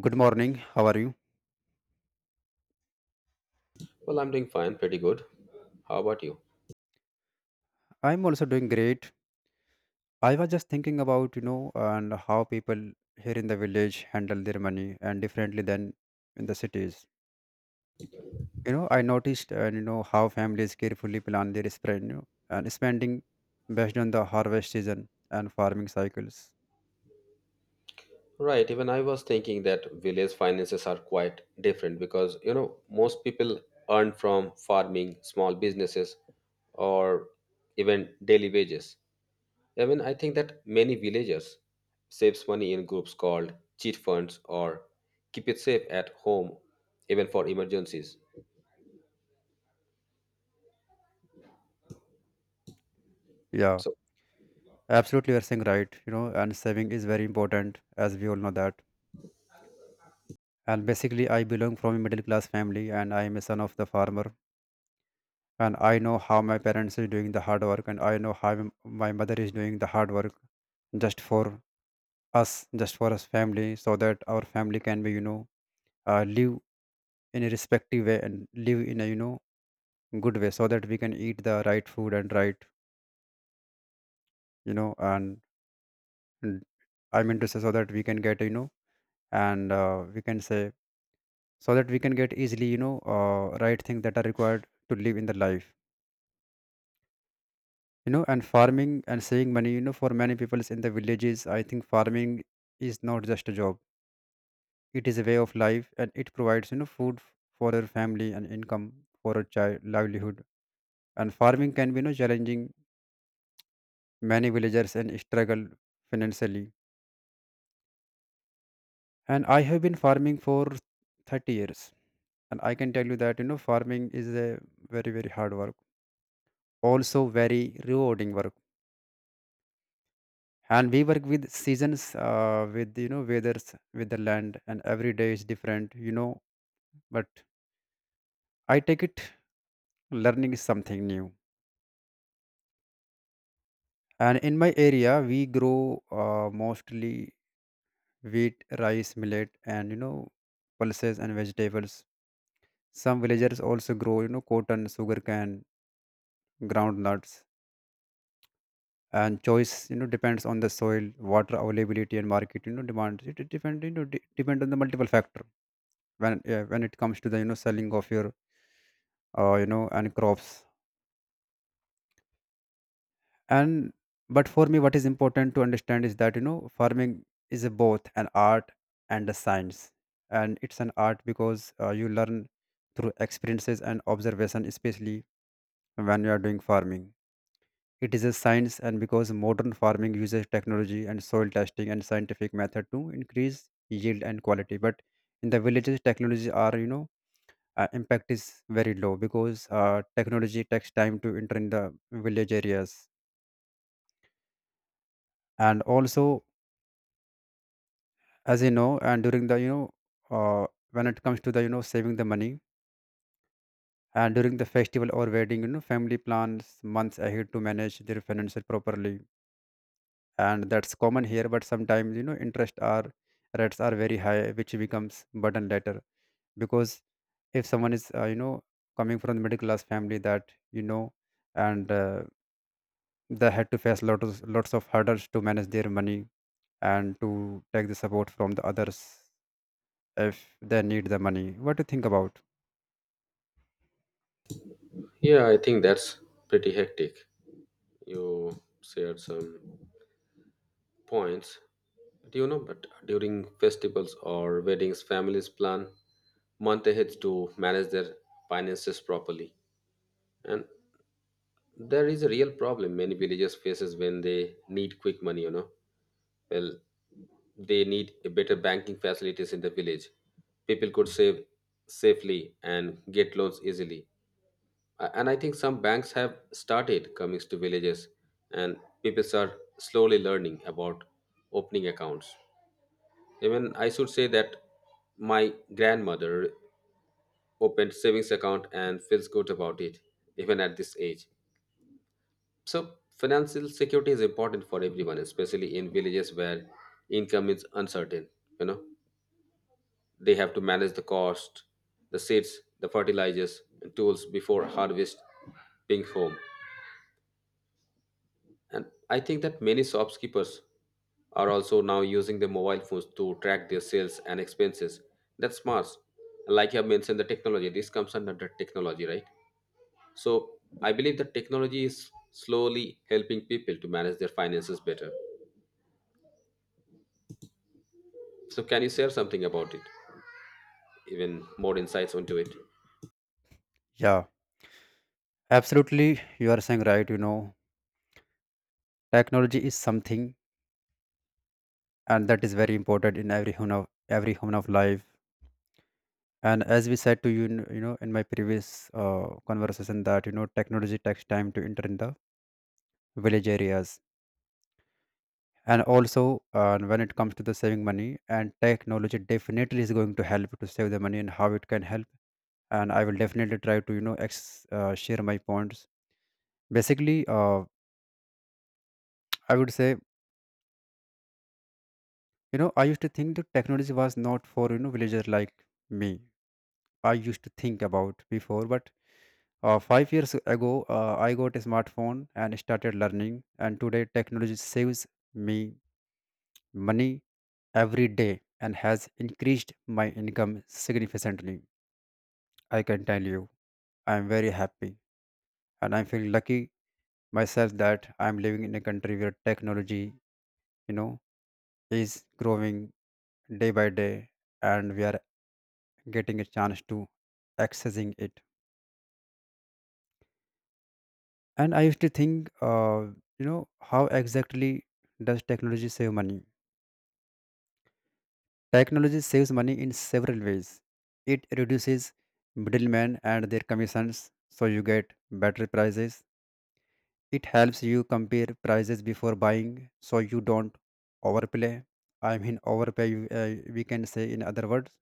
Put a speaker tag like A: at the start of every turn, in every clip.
A: Good morning. How are you?
B: Well, I'm doing fine, pretty good. How about you?
A: I'm also doing great. I was just thinking about, and how people here in the village handle their money and differently than in the cities. I noticed and how families carefully plan their spend, and spending based on the harvest season and farming cycles.
B: Right, even I was thinking that village finances are quite different because, you know, most people earn from farming, small businesses, or even daily wages. I mean, I think that many villagers saves money in groups called cheat funds or keep it safe at home, even for emergencies.
A: Yeah,
B: So,
A: absolutely, you're saying right. And saving is very important, as we all know that. And basically, I belong from a middle class family, and I am a son of the farmer, and I know how my parents is doing the hard work, and I know how my mother is doing the hard work just for us, just for us family, so that our family can be live in a respective way and live in a good way, so that we can eat the right food and right, you know and I mean to say, so that we can get you know and we can say, so that we can get easily right things that are required to live in the life. You know, and farming and saving money, for many people in the villages, I think farming is not just a job, it is a way of life, and it provides food for their family and income for a child livelihood. And farming can be, challenging. Many villagers and struggle financially, and I have been farming for 30 years, and I can tell you that farming is a very very hard work, also very rewarding work. And we work with seasons, with weathers, with the land, and every day is different, but I take it learning is something new. And in my area, we grow mostly wheat, rice, millet, and pulses and vegetables. Some villagers also grow, cotton, sugarcane, groundnuts. And choice, depends on the soil, water availability, and market, demand. It depend, depend on the multiple factor. When, yeah, when it comes to the selling of your and crops, and but for me, what is important to understand is that farming is a both an art and a science. And it's an art because you learn through experiences and observation, especially when you are doing farming. It is a science and because modern farming uses technology and soil testing and scientific method to increase yield and quality. But in the villages, technology are, impact is very low, because technology takes time to enter in the village areas. And also, as you know, and during the uh, when it comes to the saving the money, and during the festival or wedding, family plans months ahead to manage their finances properly. And that's common here, but sometimes interest are, rates are very high, which becomes burden later. Because if someone is coming from the middle class family, that you know and they had to face lots of hurdles to manage their money and to take the support from the others if they need the money. What do you think about?
B: yeah, I think that's pretty hectic. You shared some points. Do you know? But during festivals or weddings, families plan month ahead to manage their finances properly. And there is a real problem many villages faces when they need quick money. You know, well, they need a better banking facilities in the village. People could save safely and get loans easily. And I think some banks have started coming to villages, and people are slowly learning about opening accounts. Even I should say that my grandmother opened savings account and feels good about it even at this age. So financial security is important for everyone, especially in villages where income is uncertain. You know, they have to manage the cost, the seeds, the fertilizers, and tools before harvest being home. And I think that many shopkeepers are also now using their mobile phones to track their sales and expenses. That's smart. Like you have mentioned, the technology, this comes under the technology, right? So I believe that technology is slowly helping people to manage their finances better. So can you share something about it? Even more insights onto it?
A: Yeah, absolutely. You are saying right. Technology is something, and that is very important in every human of life. And as we said to you, you know, in my previous conversation, that you know, technology takes time to enter in the village areas. And also when it comes to the saving money, and technology definitely is going to help to save the money and how it can help. And I will definitely try to share my points. Basically, I would say, I used to think that technology was not for, villager like me. I used to think about before, but 5 years ago I got a smartphone and started learning, and today technology saves me money every day and has increased my income significantly. I can tell you, I am very happy and I feel lucky myself that I am living in a country where technology, you know is growing day by day, and we are getting a chance to accessing it. And I used to think how exactly does technology save money. Technology saves money in several ways. It reduces middlemen and their commissions, so you get better prices. It helps you compare prices before buying, so you don't overplay I mean overpay. We can say in other words.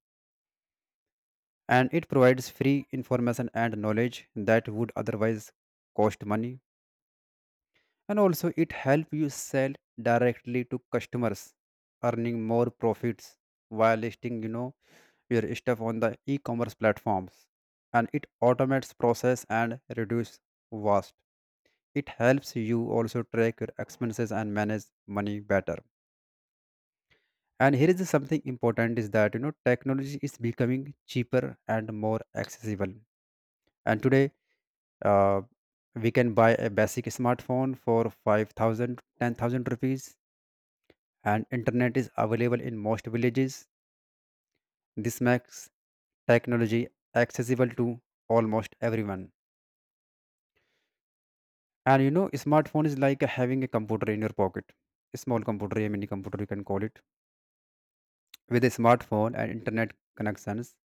A: And it provides free information and knowledge that would otherwise cost money. And also it help you sell directly to customers, earning more profits, while listing, your stuff on the e-commerce platforms. And it automates process and reduce waste. It helps you also track your expenses and manage money better. And here is something important, is that technology is becoming cheaper and more accessible. And today, uh, we can buy a basic smartphone for 5,000, 10,000 rupees, and internet is available in most villages. This makes technology accessible to almost everyone. And you know, smartphone is like having a computer in your pocket. A small computer, a mini computer, you can call it. With a smartphone and internet connections,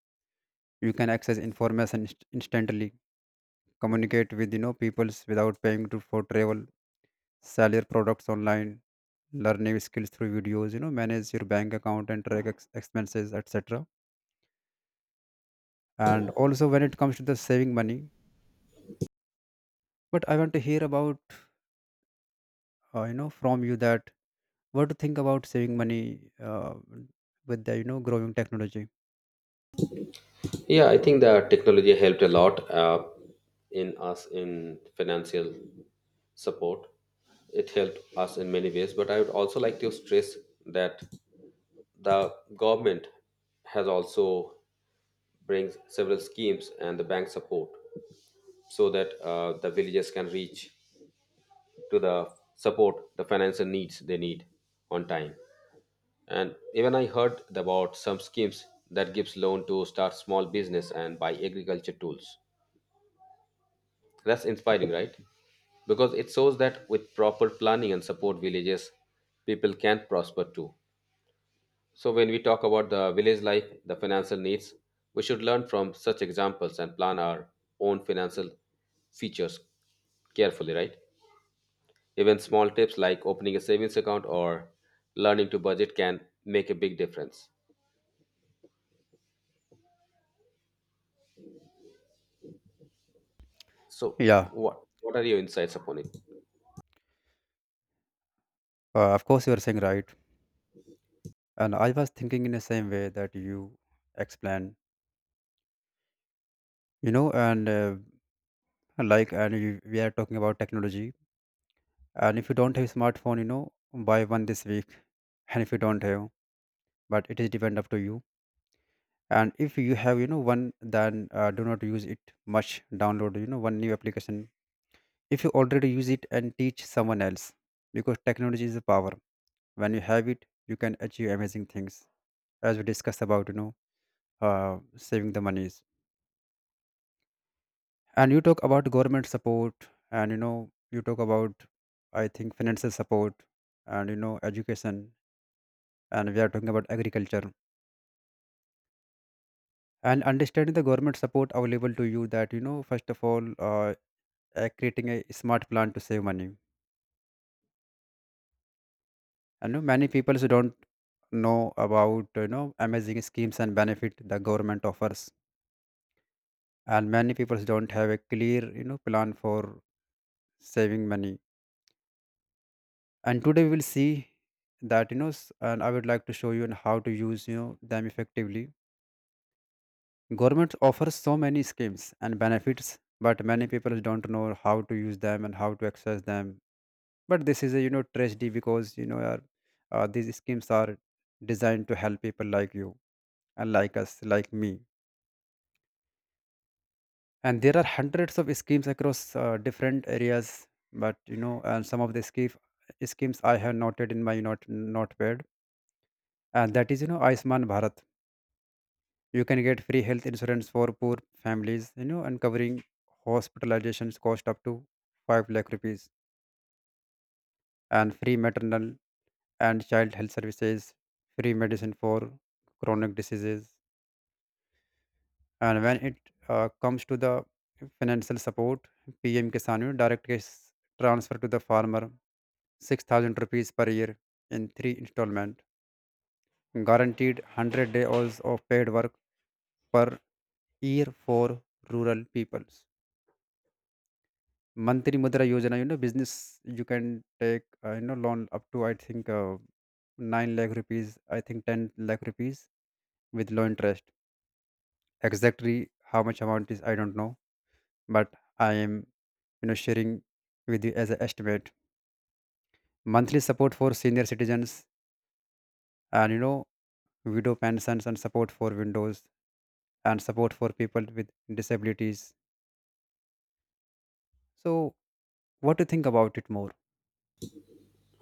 A: you can access information instantly, communicate with peoples without paying to, for travel, sell your products online, learn new skills through videos. You know, manage your bank account and track expenses, etc. And also, when it comes to the saving money, but I want to hear about, from you, that what to think about saving money with the, you know, growing technology.
B: Yeah, I think the technology helped a lot in us in financial support. It helped us in many ways, but I would also like to stress that the government has also brings several schemes and the bank support so that the villagers can reach to the support the financial needs they need on time. And even I heard about some schemes that gives loan to start small business and buy agriculture tools. That's inspiring, right? Because it shows that with proper planning and support, villages people can prosper too. So when we talk about the village life, the financial needs, we should learn from such examples and plan our own financial features carefully, right? Even small tips like opening a savings account or learning to budget can make a big difference. So
A: Yeah,
B: what are your insights upon it?
A: of course you are saying right. And I was thinking in the same way that you explain, you know, and like, we are talking about technology. And if you don't have smartphone, you know, buy one this week. And if you don't have, but it is depend up to you. And if you have, you know, one, then do not use it much. Download, you know, one new application if you already use it, and teach someone else. Because technology is a power. When you have it, you can achieve amazing things. As we discussed about, uh, saving the monies, and you talk about government support, and you talk about, I think, financial support, and education, and we are talking about agriculture, and understanding the government support available to you, that first of all, creating a smart plan to save money. I know many people don't know about, amazing schemes and benefit the government offers, and many people don't have a clear, plan for saving money. And today we will see that, and I would like to show you on how to use, them effectively. Government offers so many schemes and benefits, but many people don't know how to use them and how to access them. But this is a, tragedy, because these schemes are designed to help people like you and like us, like me. And there are hundreds of schemes across different areas. But you know and some of the schemes I have noted in my not notepad, and that is, you know, Ayushman Bharat. You can get free health insurance for poor families, you know, and covering hospitalizations cost up to 5 lakh rupees, and free maternal and child health services, free medicine for chronic diseases. And when it comes to the financial support, PM Kisan, you know, direct cash transfer to the farmer, 6,000 rupees per year in three installment, guaranteed 100 days of paid work per year for rural peoples. Mantri Mudra Yojana, you know, business, you can take, loan up to, I think, 9 lakh rupees, I think 10 lakh rupees, with low interest. Exactly how much amount is, I don't know, but I am, sharing with you as an estimate. Monthly support for senior citizens, and widow pensions and support for widows, and support for people with disabilities. So, what do you think about it more?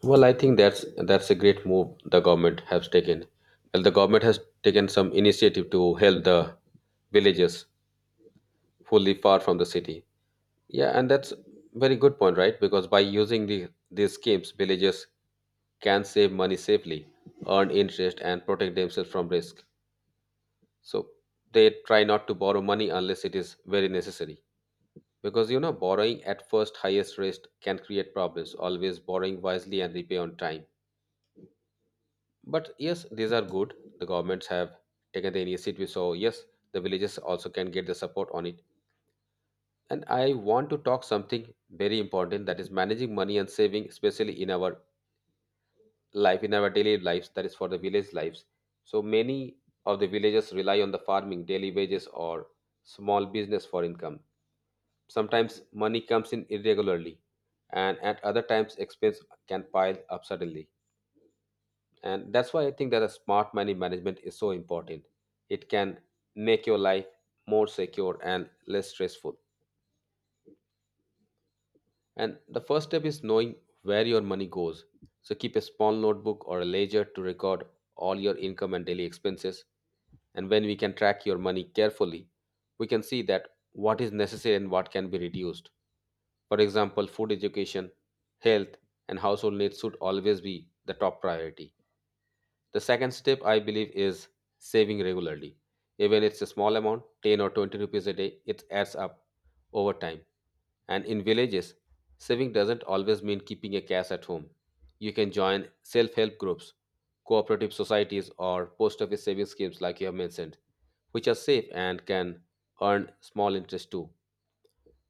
B: Well, I think that's a great move the government has taken. Well, the government has taken some initiative to help the villages who live far from the city. Yeah, and that's very good point, right? Because by using the these schemes, villages can save money safely, earn interest, and protect themselves from risk. So they try not to borrow money unless it is very necessary. Because you know, borrowing at first highest risk can create problems. Always borrowing wisely and repay on time. But yes, these are good. The governments have taken the initiative, so yes, the villages also can get the support on it. And I want to talk something very important that is managing money and saving, especially in our life, in our daily lives, that is for the village lives. So many of the villagers rely on the farming, daily wages, or small business for income. Sometimes money comes in irregularly, and at other times, expense can pile up suddenly. And that's why I think that a smart money management is so important. It can make your life more secure and less stressful. And the first step is knowing where your money goes, so keep a small notebook or a ledger to record all your income and daily expenses. And when we can track your money carefully, we can see that what is necessary and what can be reduced. For example, food, education, health, and household needs should always be the top priority. The second step I believe is saving regularly. Even it's a small amount, 10 or 20 rupees a day, it adds up over time. And in villages, saving doesn't always mean keeping a cash at home. You can join self help groups, cooperative societies, or post office savings schemes, like you have mentioned, which are safe and can earn small interest too.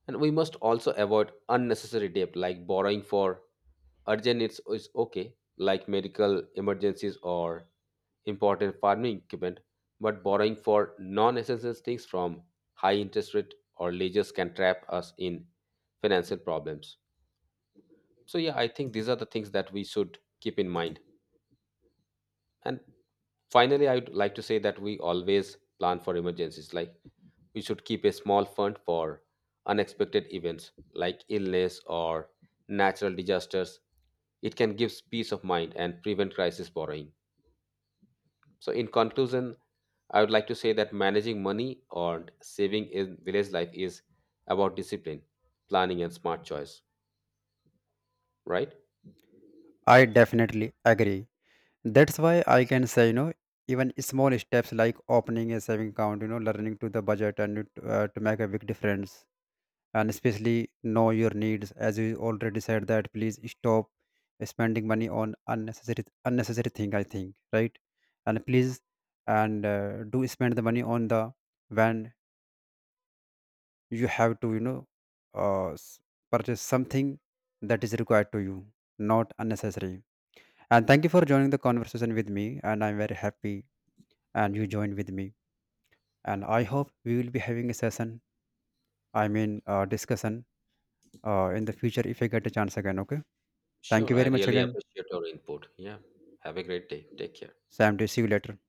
B: And we must also avoid unnecessary debt like borrowing for urgent needs is okay, like medical emergencies or important farming equipment, but borrowing for non essential things from high interest rate or leases can trap us in financial problems. So, yeah, I think these are the things that we should keep in mind. And finally, I would like to say that we always plan for emergencies. Like we should keep a small fund for unexpected events like illness or natural disasters. It can give peace of mind and prevent crisis borrowing. So, in conclusion, I would like to say that managing money or saving in village life is about discipline, planning, and smart choice, right?
A: I definitely agree. That's why I can say, you know, even small steps like opening a saving account, you know, learning to the budget and to make a big difference. And especially know your needs, as you already said that. Please stop spending money on unnecessary thing, I think right. And please, and do spend the money on the, when you have to, uh, s- purchase something that is required to you, not unnecessary. And thank you for joining the conversation with me, and I'm very happy and you joined with me. And I hope we will be having a session, discussion, in the future if I get a chance again, okay. Thank
B: Sure,
A: you
B: I
A: very much
B: really
A: again.
B: appreciate your input. Yeah. Have a great day. Take care.
A: Sam to see you later.